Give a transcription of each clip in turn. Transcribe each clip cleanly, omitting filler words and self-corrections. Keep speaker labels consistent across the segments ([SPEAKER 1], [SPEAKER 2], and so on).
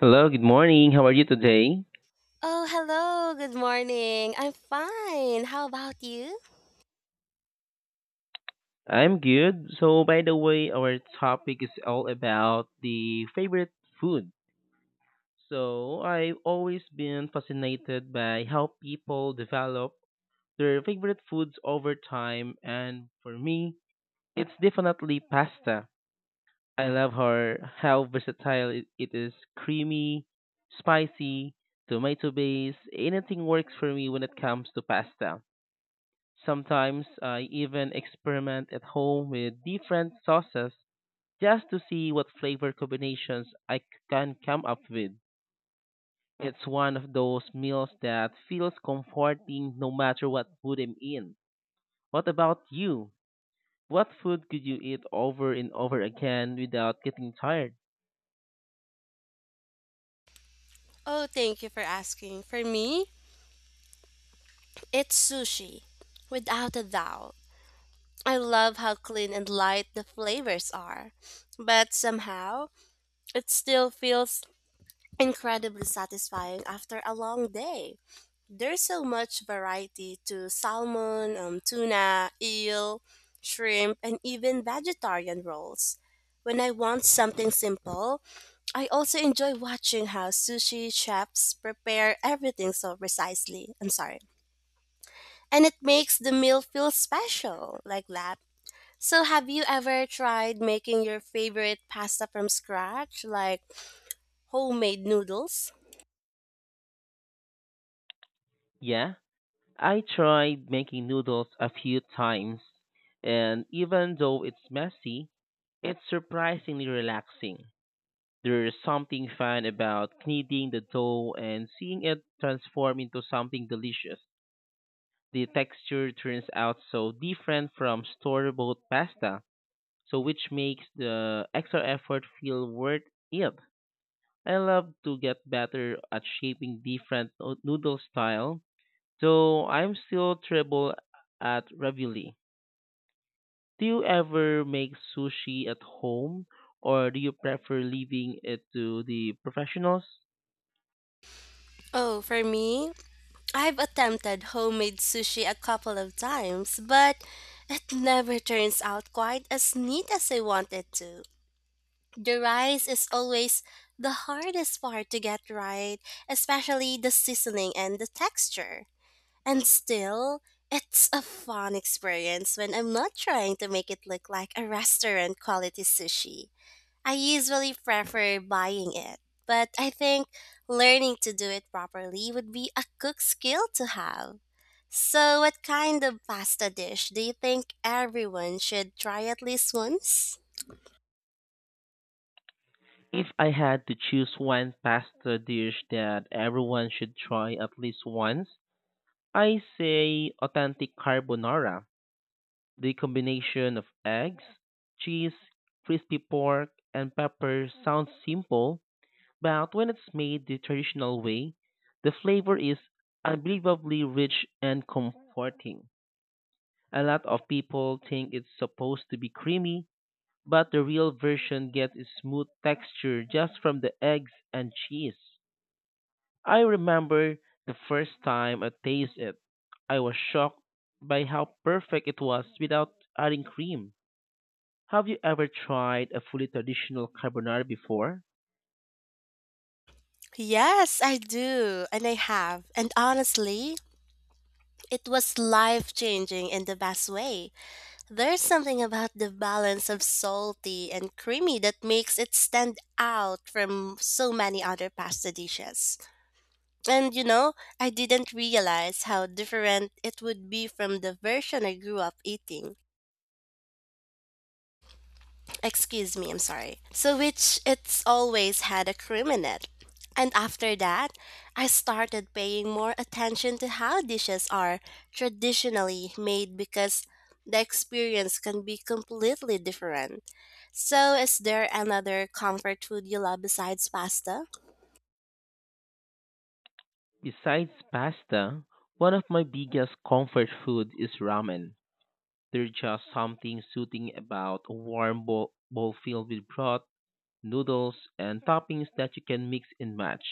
[SPEAKER 1] Hello, good morning. How are you today?
[SPEAKER 2] Oh, hello. Good morning. I'm fine. How about you?
[SPEAKER 1] I'm good. So, by the way, our topic is all about the favorite food. So, I've always been fascinated by how people develop their favorite foods over time, and for me, it's definitely pasta. I love her how versatile it is, creamy, spicy, tomato based. Anything works for me when it comes to pasta. Sometimes I even experiment at home with different sauces just to see what flavor combinations can come up with. It's one of those meals that feels comforting no matter what food I'm in. What about you? What food could you eat over and over again without getting tired?
[SPEAKER 2] Oh, thank you for asking. For me, it's sushi, without a doubt. I love how clean and light the flavors are, but somehow it still feels incredibly satisfying after a long day. There's so much variety to salmon, tuna, eel, shrimp, and even vegetarian rolls. When I want something simple, I also enjoy watching how sushi chefs prepare everything so precisely. I'm sorry. And it makes the meal feel special, like that. So, have you ever tried making your favorite pasta from scratch, like homemade noodles?
[SPEAKER 1] Yeah, I tried making noodles a few times, and even though it's messy, it's surprisingly relaxing. There's something fun about kneading the dough and seeing it transform into something delicious. The texture turns out so different from store-bought pasta, so which makes the extra effort feel worth it. I love to get better at shaping different no- noodle style, though I'm still terrible at ravioli. Do you ever make sushi at home, or do you prefer leaving it to the professionals?
[SPEAKER 2] Oh, for me, I've attempted homemade sushi a couple of times, but it never turns out quite as neat as I want it to. The rice is always the hardest part to get right, especially the seasoning and the texture. And still, it's a fun experience when I'm not trying to make it look like a restaurant quality sushi. I usually prefer buying it, but I think learning to do it properly would be a cook skill to have. So, what kind of pasta dish do you think everyone should try at least once?
[SPEAKER 1] If I had to choose one pasta dish that everyone should try at least once, I say authentic carbonara. The combination of eggs, cheese, crispy pork, and pepper sounds simple, but when it's made the traditional way, the flavor is unbelievably rich and comforting. A lot of people think it's supposed to be creamy, but the real version gets a smooth texture just from the eggs and cheese. I remember the first time I tasted it. I was shocked by how perfect it was without adding cream. Have you ever tried a fully traditional carbonara before?
[SPEAKER 2] Yes, I do, and I have. And honestly, it was life changing in the best way. There's something about the balance of salty and creamy that makes it stand out from so many other pasta dishes. And you know, I didn't realize how different it would be from the version I grew up eating. Excuse me, I'm sorry. So, which it's always had a cream in it. And after that, I started paying more attention to how dishes are traditionally made because the experience can be completely different. So, is there another comfort food you love besides pasta?
[SPEAKER 1] Besides pasta, one of my biggest comfort food is ramen. There's just something soothing about a warm bowl filled with broth, noodles, and toppings that you can mix and match.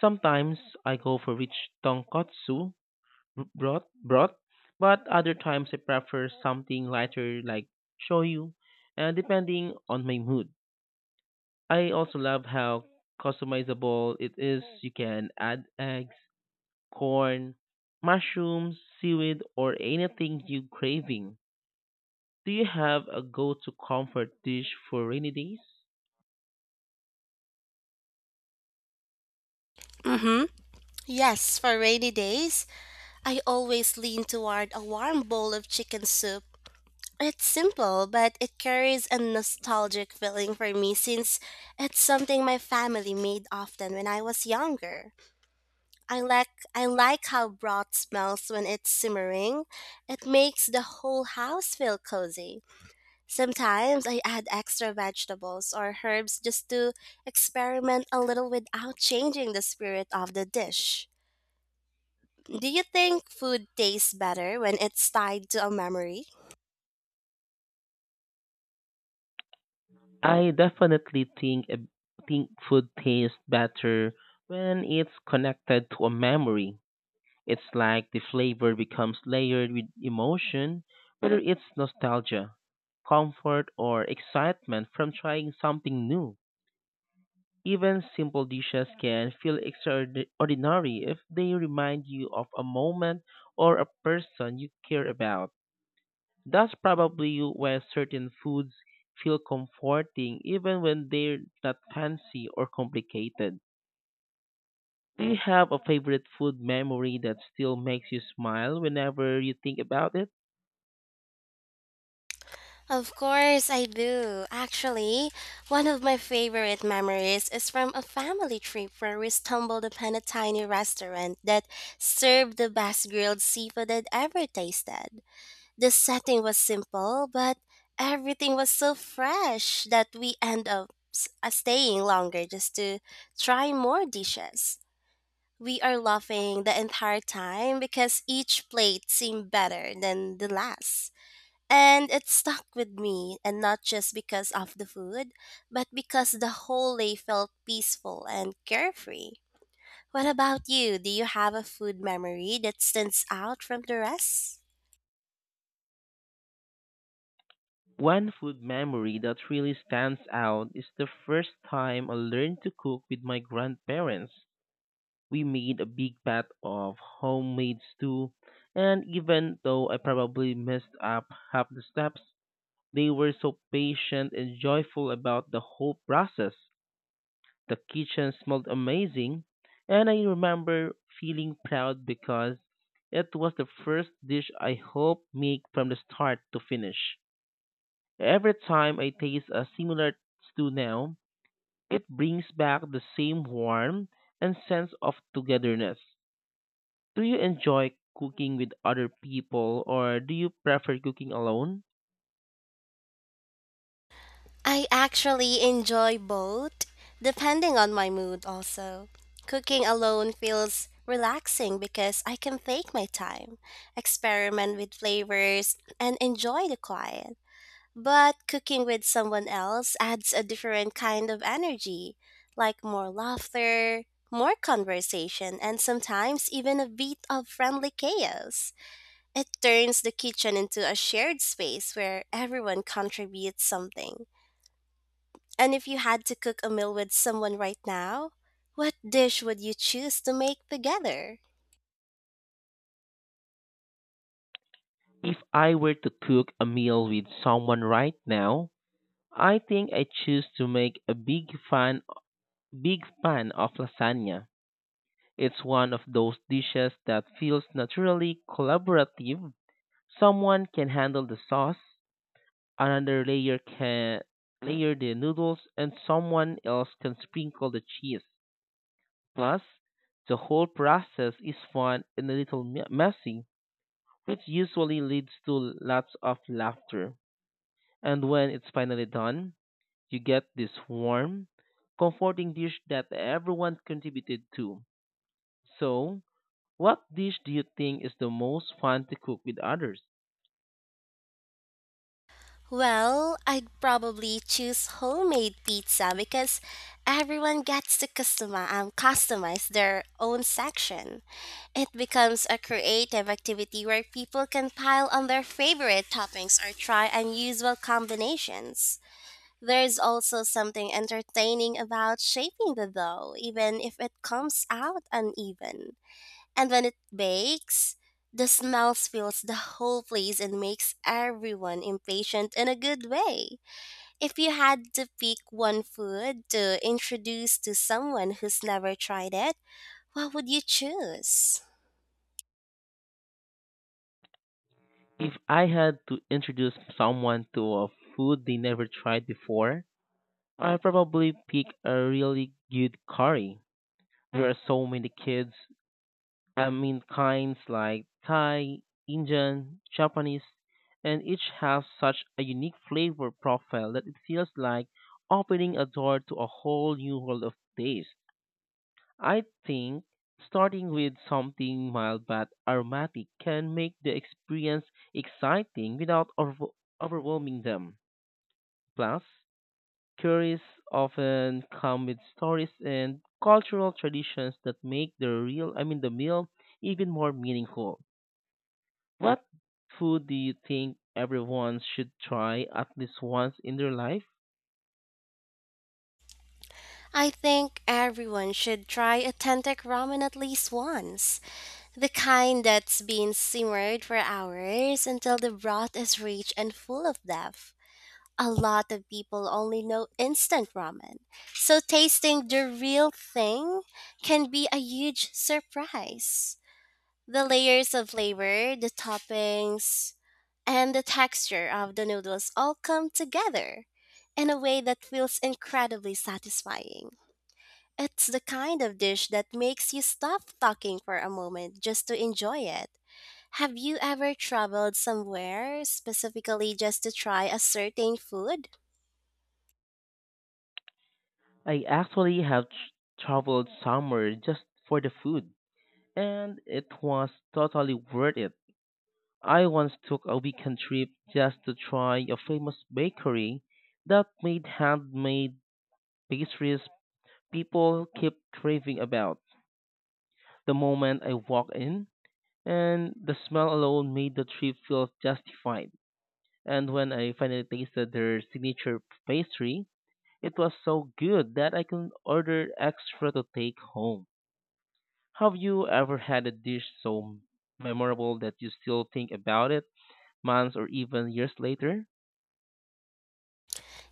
[SPEAKER 1] Sometimes I go for rich tonkotsu broth. But other times I prefer something lighter like shoyu, and depending on my mood. I also love how customizable it is. You can add eggs, corn, mushrooms, seaweed, or anything you craving. Do you have a go-to comfort dish for rainy days?
[SPEAKER 2] Mm hmm. Yes, for rainy days, I always lean toward a warm bowl of chicken soup. It's simple, but it carries a nostalgic feeling for me since it's something my family made often when I was younger. I like how broth smells when it's simmering. It makes the whole house feel cozy. Sometimes I add extra vegetables or herbs just to experiment a little without changing the spirit of the dish. Do you think food tastes better when it's tied to a memory?
[SPEAKER 1] I definitely think a- think food tastes better when it's connected to a memory. It's like the flavor becomes layered with emotion, whether it's nostalgia, comfort, or excitement from trying something new. Even simple dishes can feel extraordinary if they remind you of a moment or a person you care about. That's probably why certain foods feel comforting even when they're not fancy or complicated. Do you have a favorite food memory that still makes you smile whenever you think about it?
[SPEAKER 2] Of course I do. Actually, one of my favorite memories is from a family trip where we stumbled upon a tiny restaurant that served the best grilled seafood I'd ever tasted. The setting was simple, but everything was so fresh that we end up staying longer just to try more dishes. We are laughing the entire time because each plate seemed better than the last. And it stuck with me, and not just because of the food, but because the whole day felt peaceful and carefree. What about you? Do you have a food memory that stands out from the rest?
[SPEAKER 1] One food memory that really stands out is the first time I learned to cook with my grandparents. We made a big pot of homemade stew, and even though I probably messed up half the steps, they were so patient and joyful about the whole process. The kitchen smelled amazing, and I remember feeling proud because it was the first dish I helped make from the start to finish. Every time I taste a similar stew now, it brings back the same warmth and sense of togetherness. Do you enjoy cooking with other people or do you prefer cooking alone?
[SPEAKER 2] I actually enjoy both, depending on my mood also. Cooking alone feels relaxing because I can take my time, experiment with flavors, and enjoy the quiet. But cooking with someone else adds a different kind of energy, like more laughter, more conversation, and sometimes even a bit of friendly chaos. It turns the kitchen into a shared space where everyone contributes something. And if you had to cook a meal with someone right now, what dish would you choose to make together?
[SPEAKER 1] If I were to cook a meal with someone right now, I think I choose to make a big fan of lasagna. It's one of those dishes that feels naturally collaborative. Someone can handle the sauce, another layer can layer the noodles and someone else can sprinkle the cheese. Plus, the whole process is fun and a little messy, which usually leads to lots of laughter. And when it's finally done, you get this warm, comforting dish that everyone contributed to. So, what dish do you think is the most fun to cook with others?
[SPEAKER 2] Well, I'd probably choose homemade pizza because everyone gets to customize their own section. It becomes a creative activity where people can pile on their favorite toppings or try unusual combinations. There's also something entertaining about shaping the dough, even if it comes out uneven. And when it bakes, the smell fills the whole place and makes everyone impatient in a good way. If you had to pick one food to introduce to someone who's never tried it, what would you choose?
[SPEAKER 1] If I had to introduce someone to a food they never tried before, I probably pick a really good curry. There are so many kids. I mean kinds like Thai, Indian, Japanese, and each has such a unique flavor profile that it feels like opening a door to a whole new world of taste. I think starting with something mild but aromatic can make the experience exciting without overwhelming them. Plus, curries often come with stories and cultural traditions that make the real, I mean the meal even more meaningful. What food do you think everyone should try at least once in their life?
[SPEAKER 2] I think everyone should try authentic ramen at least once. The kind that's been simmered for hours until the broth is rich and full of depth. A lot of people only know instant ramen. So tasting the real thing can be a huge surprise. The layers of flavor, the toppings, and the texture of the noodles all come together in a way that feels incredibly satisfying. It's the kind of dish that makes you stop talking for a moment just to enjoy it. Have you ever traveled somewhere specifically just to try a certain food?
[SPEAKER 1] I actually have tr- traveled somewhere just for the food, and it was totally worth it. I once took a weekend trip just to try a famous bakery that made handmade pastries people keep craving about. The moment I walked in, and the smell alone made the trip feel justified. And when I finally tasted their signature pastry, it was so good that I can order extra to take home. Have you ever had a dish so memorable that you still think about it months or even years later?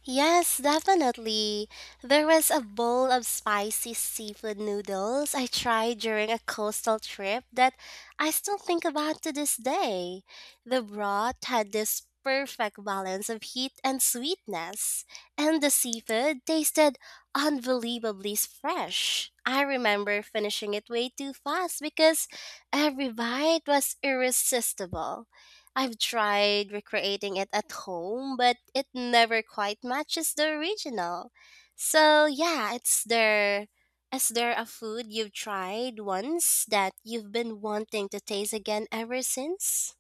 [SPEAKER 2] Yes, definitely. There was a bowl of spicy seafood noodles I tried during a coastal trip that I still think about to this day. The broth had this perfect balance of heat and sweetness, and the seafood tasted unbelievably fresh. I remember finishing it way too fast because every bite was irresistible. I've tried recreating it at home, but it never quite matches the original. So yeah, it's there. Is there a food you've tried once that you've been wanting to taste again ever since?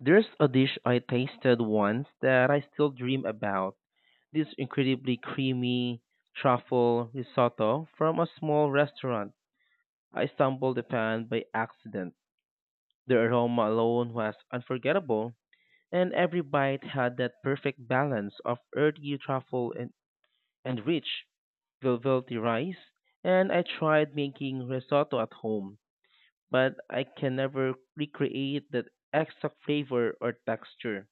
[SPEAKER 1] There's a dish I tasted once that I still dream about. This incredibly creamy truffle risotto from a small restaurant I stumbled upon by accident. The aroma alone was unforgettable, and every bite had that perfect balance of earthy truffle and rich, velvety rice. And I tried making risotto at home, but I can never recreate that extra flavor or texture.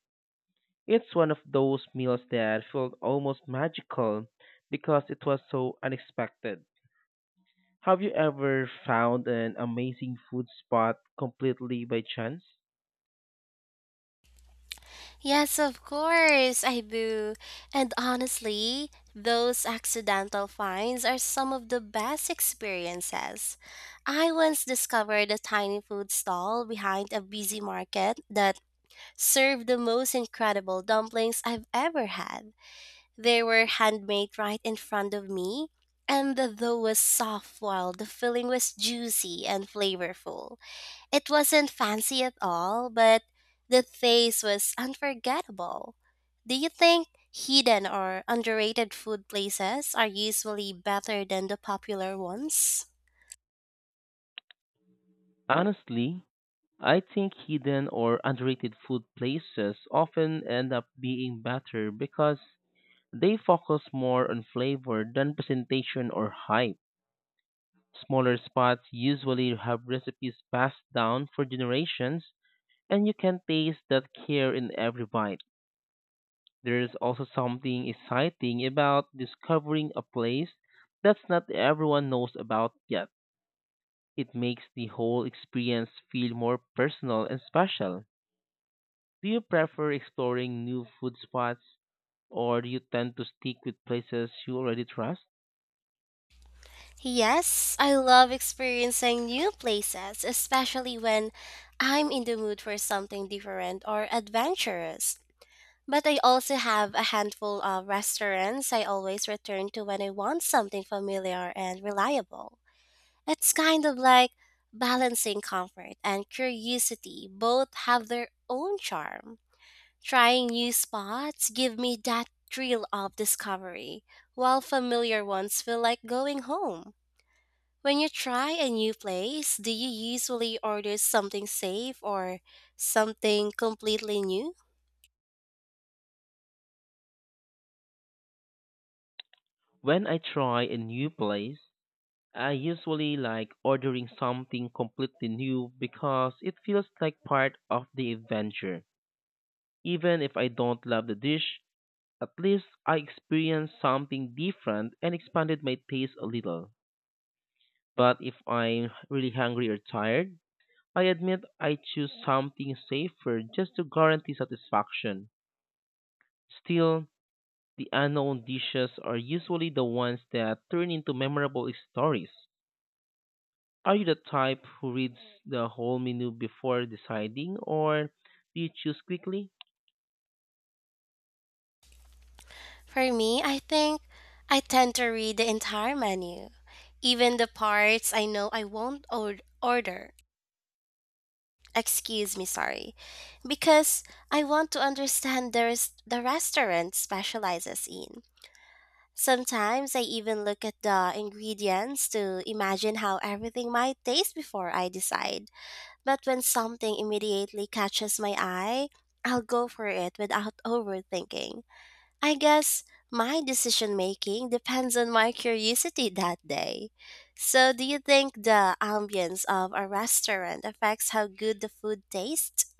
[SPEAKER 1] It's one of those meals that felt almost magical because it was so unexpected. Have you ever found an amazing food spot completely by chance?
[SPEAKER 2] Yes, of course, I do. And honestly, those accidental finds are some of the best experiences. I once discovered a tiny food stall behind a busy market that served the most incredible dumplings I've ever had. They were handmade right in front of me, and the dough was soft while the filling was juicy and flavorful. It wasn't fancy at all, but the taste was unforgettable. Do you think hidden or underrated food places are usually better than the popular ones?
[SPEAKER 1] Honestly, I think hidden or underrated food places often end up being better because they focus more on flavor than presentation or hype. Smaller spots usually have recipes passed down for generations, and you can taste that care in every bite. There is also something exciting about discovering a place that's not everyone knows about yet. It makes the whole experience feel more personal and special. Do you prefer exploring new food spots or do you tend to stick with places you already trust?
[SPEAKER 2] Yes, I love experiencing new places, especially when I'm in the mood for something different or adventurous. But I also have a handful of restaurants I always return to when I want something familiar and reliable. It's kind of like balancing comfort and curiosity, both have their own charm. Trying new spots give me that thrill of discovery, while familiar ones feel like going home. When you try a new place, do you usually order something safe or something completely new?
[SPEAKER 1] When I try a new place, I usually like ordering something completely new because it feels like part of the adventure. Even if I don't love the dish, at least I experienced something different and expanded my taste a little. But if I'm really hungry or tired, I admit I choose something safer just to guarantee satisfaction. Still, the unknown dishes are usually the ones that turn into memorable stories. Are you the type who reads the whole menu before deciding, or do you choose quickly?
[SPEAKER 2] For me, I think I tend to read the entire menu, even the parts I know I won't or- order. Excuse me, sorry. Because I want to understand the restaurant specializes in. Sometimes I even look at the ingredients to imagine how everything might taste before I decide. But when something immediately catches my eye, I'll go for it without overthinking. I guess my decision making depends on my curiosity that day. So, do you think the ambience of a restaurant affects how good the food tastes?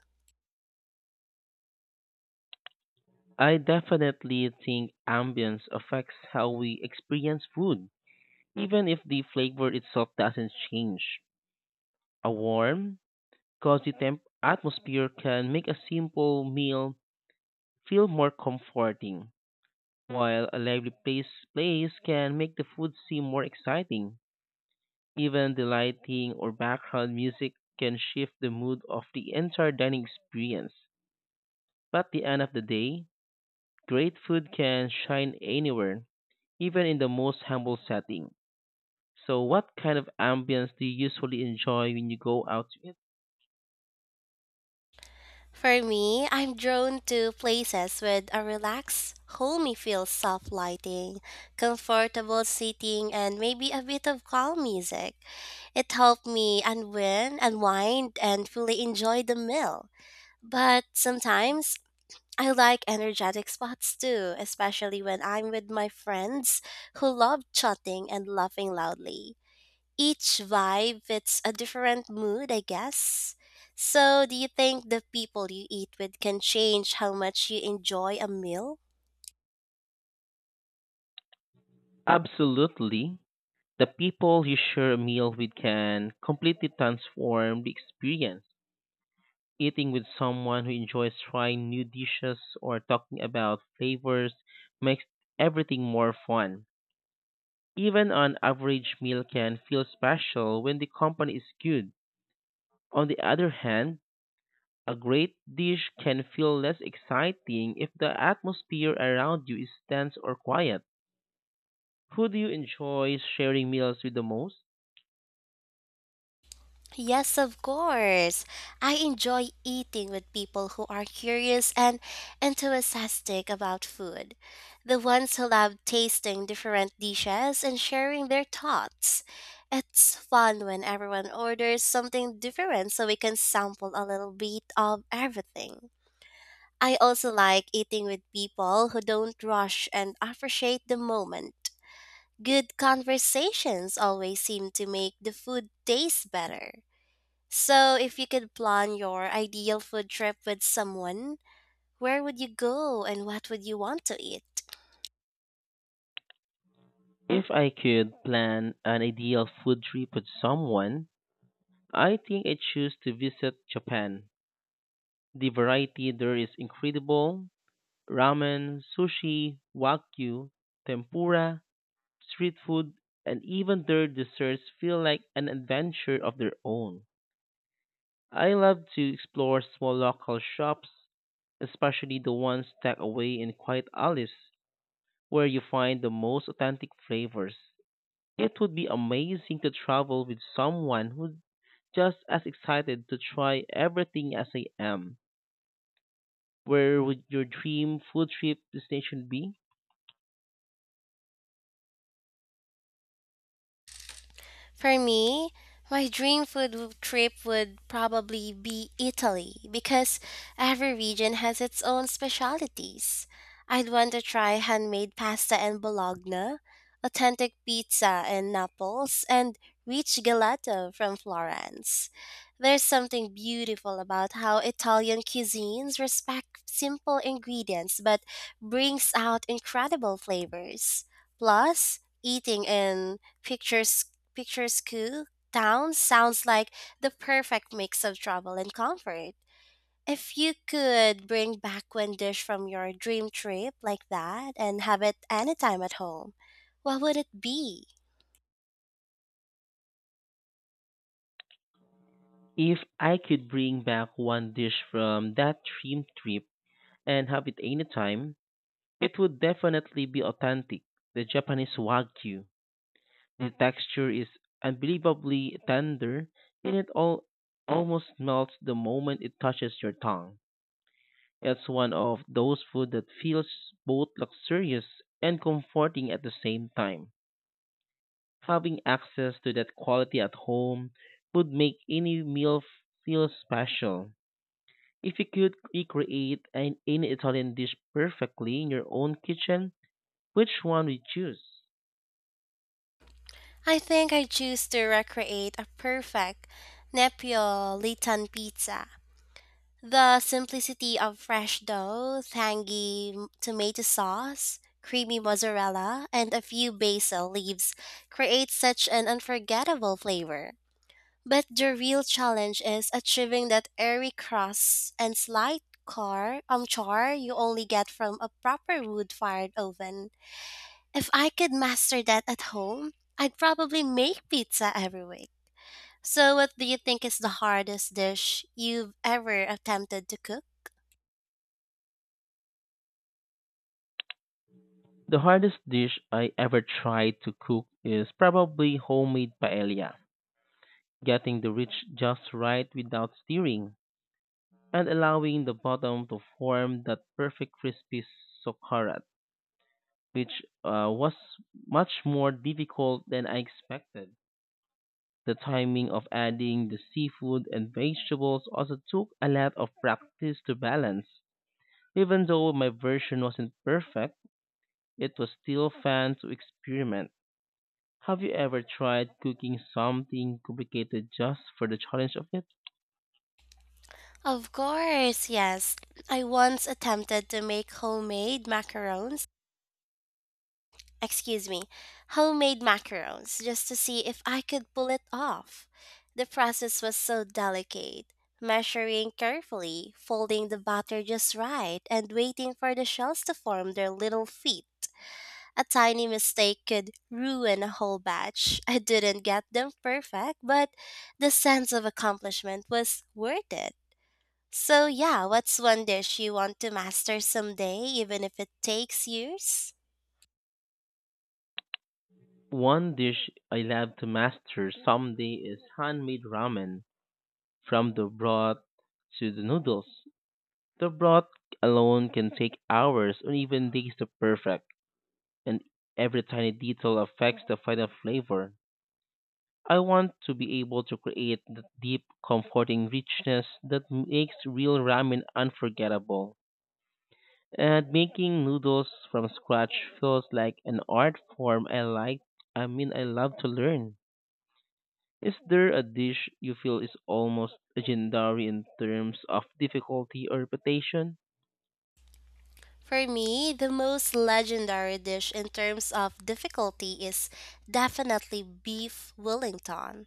[SPEAKER 1] I definitely think ambience affects how we experience food, even if the flavor itself doesn't change. A warm, cozy atmosphere can make a simple meal feel more comforting, while a lively place can make the food seem more exciting. Even the lighting or background music can shift the mood of the entire dining experience. But at the end of the day, great food can shine anywhere, even in the most humble setting. So, what kind of ambience do you usually enjoy when you go out to eat?
[SPEAKER 2] For me, I'm drawn to places with a relaxed, homey feel, soft lighting, comfortable seating, and maybe a bit of calm music. It helped me unwind, and fully enjoy the meal. But sometimes I like energetic spots too, especially when I'm with my friends who love chatting and laughing loudly, each vibe fits a different mood, I guess. So, do you think the people you eat with can change how much you enjoy a meal?
[SPEAKER 1] Absolutely. The people you share a meal with can completely transform the experience. Eating with someone who enjoys trying new dishes or talking about flavors makes everything more fun. Even an average meal can feel special when the company is good. On the other hand, a great dish can feel less exciting if the atmosphere around you is tense or quiet. Who do you enjoy sharing meals with the most?
[SPEAKER 2] Yes, of course. I enjoy eating with people who are curious and enthusiastic about food. The ones who love tasting different dishes and sharing their thoughts. It's fun when everyone orders something different so we can sample a little bit of everything. I also like eating with people who don't rush and appreciate the moment. Good conversations always seem to make the food taste better. So, if you could plan your ideal food trip with someone, where would you go and what would you want to eat?
[SPEAKER 1] If I could plan an ideal food trip with someone, I think I'd choose to visit Japan. The variety there is incredible: ramen, sushi, wagyu, tempura, street food, and even their desserts feel like an adventure of their own. I love to explore small local shops, especially the ones tucked away in quiet alleys where you find the most authentic flavors. It would be amazing to travel with someone who's just as excited to try everything as I am. Where would your dream food trip destination be?
[SPEAKER 2] For me, my dream trip would probably be Italy because every region has its own specialties. I'd want to try handmade pasta in Bologna, authentic pizza in Naples, and rich gelato from Florence. There's something beautiful about how Italian cuisines respect simple ingredients but brings out incredible flavors. Plus, eating in pictures Picture School Town sounds like the perfect mix of travel and comfort. If you could bring back one dish from your dream trip like that and have it anytime at home, what would it be?
[SPEAKER 1] If I could bring back one dish from that dream trip and have it anytime, it would definitely be authentic, the Japanese wagyu. The texture is unbelievably tender and it all almost melts the moment it touches your tongue. It's one of those food that feels both luxurious and comforting at the same time. Having access to that quality at home would make any meal feel special. If you could recreate an, any Italian dish perfectly in your own kitchen, which one would you choose?
[SPEAKER 2] I think I choose to recreate a perfect Neapolitan pizza. The simplicity of fresh dough, tomato sauce, creamy mozzarella, and a few basil leaves creates such an unforgettable flavor. But the real challenge is achieving that airy crust and slight car char you only get from a proper wood fired oven. If I could master that at home, I'd probably make pizza every week. So what do you think is the hardest dish you've ever attempted to cook?
[SPEAKER 1] The hardest dish I ever tried to cook is probably homemade paella. Getting the rich just right without stirring and allowing the bottom to form that perfect crispy soccharat, which was much more difficult than I expected. The timing of adding the seafood and vegetables also took a lot of practice to balance. Even though my version wasn't perfect, it was still fun to experiment. Have you ever tried cooking something complicated just for the challenge of it?
[SPEAKER 2] Of course, yes. I once attempted to make homemade excuse me, homemade macarons just to see if I could pull it off. The process was so delicate, measuring carefully, folding the batter just right, and waiting for the shells to form their little feet. A tiny mistake could ruin a whole batch. I didn't get them perfect, but the sense of accomplishment was worth it. So, yeah, what's one dish you want to master someday, even if it takes years?
[SPEAKER 1] One dish I love to master someday is handmade ramen. From the broth to the noodles, the broth alone can take hours or even days to perfect, and every tiny detail affects the final flavor. I want to be able to create the deep, comforting richness that makes real ramen unforgettable. And making noodles from scratch feels like an art form I like. I mean, I love to learn. Is there a dish you feel is almost legendary in terms of difficulty or reputation?
[SPEAKER 2] For me, the most legendary dish in terms of difficulty is definitely beef Wellington.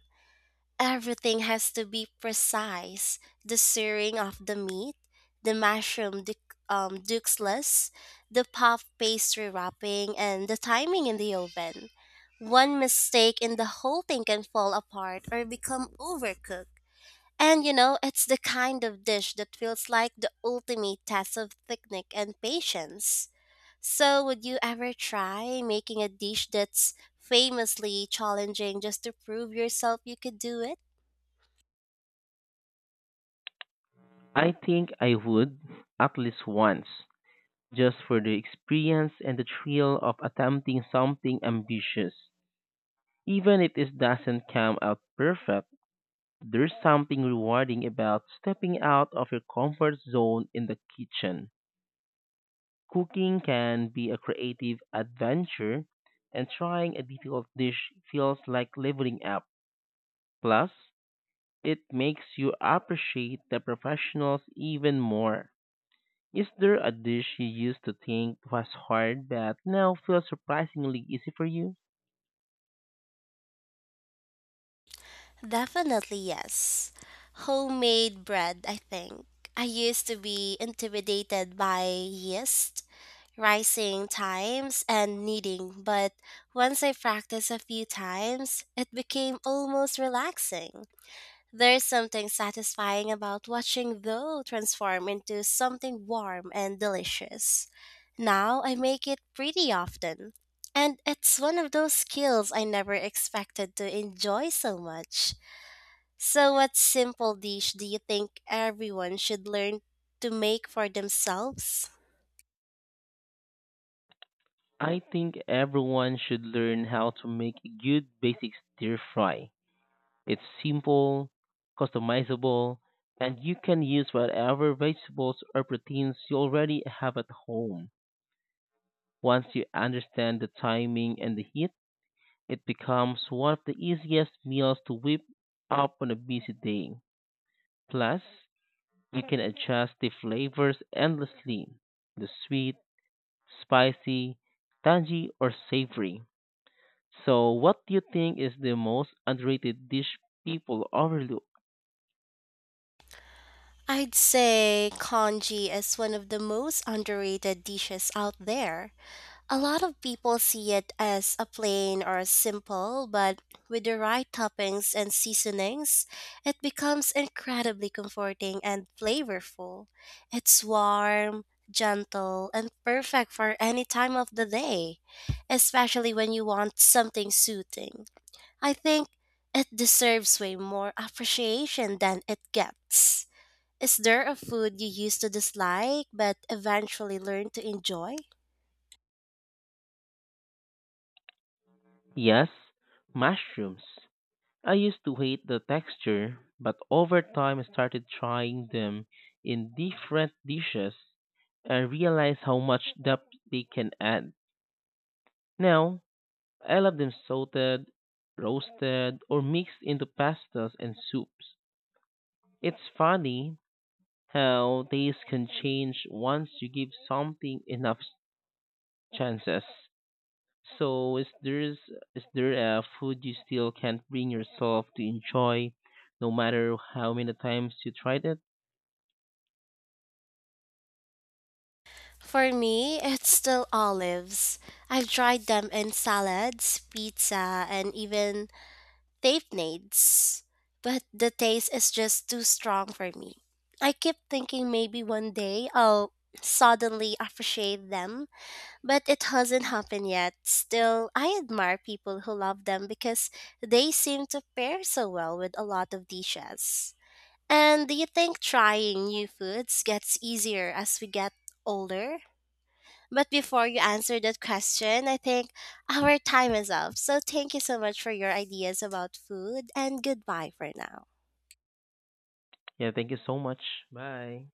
[SPEAKER 2] Everything has to be precise, the searing of the meat, the duxelles, the puff pastry wrapping, and the timing in the oven. One mistake and the whole thing can fall apart or become overcooked. And you know, it's the kind of dish that feels like the ultimate test of technique and patience. So, would you ever try making a dish that's famously challenging just to prove yourself you could do it?
[SPEAKER 1] I think I would, at least once, just for the experience and the thrill of attempting something ambitious. Even if it doesn't come out perfect, there's something rewarding about stepping out of your comfort zone in the kitchen. Cooking can be a creative adventure, and trying a difficult dish feels like leveling up. Plus, it makes you appreciate the professionals even more. Is there a dish you used to think was hard but now feels surprisingly easy for you?
[SPEAKER 2] Definitely yes. Homemade bread, I think. I used to be intimidated by yeast, rising times, and kneading, but once I practiced a few times, it became almost relaxing. There's something satisfying about watching dough transform into something warm and delicious. Now I make it pretty often. And it's one of those skills I never expected to enjoy so much. So, what simple dish do you think everyone should learn to make for themselves?
[SPEAKER 1] I think everyone should learn how to make a good basic stir fry. It's simple, customizable, and you can use whatever vegetables or proteins you already have at home. Once you understand the timing and the heat, it becomes one of the easiest meals to whip up on a busy day. Plus, you can adjust the flavors endlessly: the sweet, spicy, tangy, or savory. So, what do you think is the most underrated dish people overlook?
[SPEAKER 2] I'd say congee is one of the most underrated dishes out there. A lot of people see it as a plain or simple, but with the right toppings and seasonings, it becomes incredibly comforting and flavorful. It's warm, gentle, and perfect for any time of the day, especially when you want something soothing. I think it deserves way more appreciation than it gets. Is there a food you used to dislike but eventually learned to enjoy?
[SPEAKER 1] Yes, mushrooms. I used to hate the texture, but over time I started trying them in different dishes and realized how much depth they can add. Now, I love them salted, roasted, or mixed into pastas and soups. It's funny how taste can change once you give something enough chances. So, is there a food you still can't bring yourself to enjoy, no matter how many times you tried it?
[SPEAKER 2] For me, it's still olives. I've tried them in salads, pizza, and even tapenades, but the taste is just too strong for me. I keep thinking maybe one day I'll suddenly appreciate them, but it hasn't happened yet. Still, I admire people who love them because they seem to pair so well with a lot of dishes. And do you think trying new foods gets easier as we get older? But before you answer that question, I think our time is up. So thank you so much for your ideas about food and goodbye for now.
[SPEAKER 1] Yeah, thank you so much. Bye.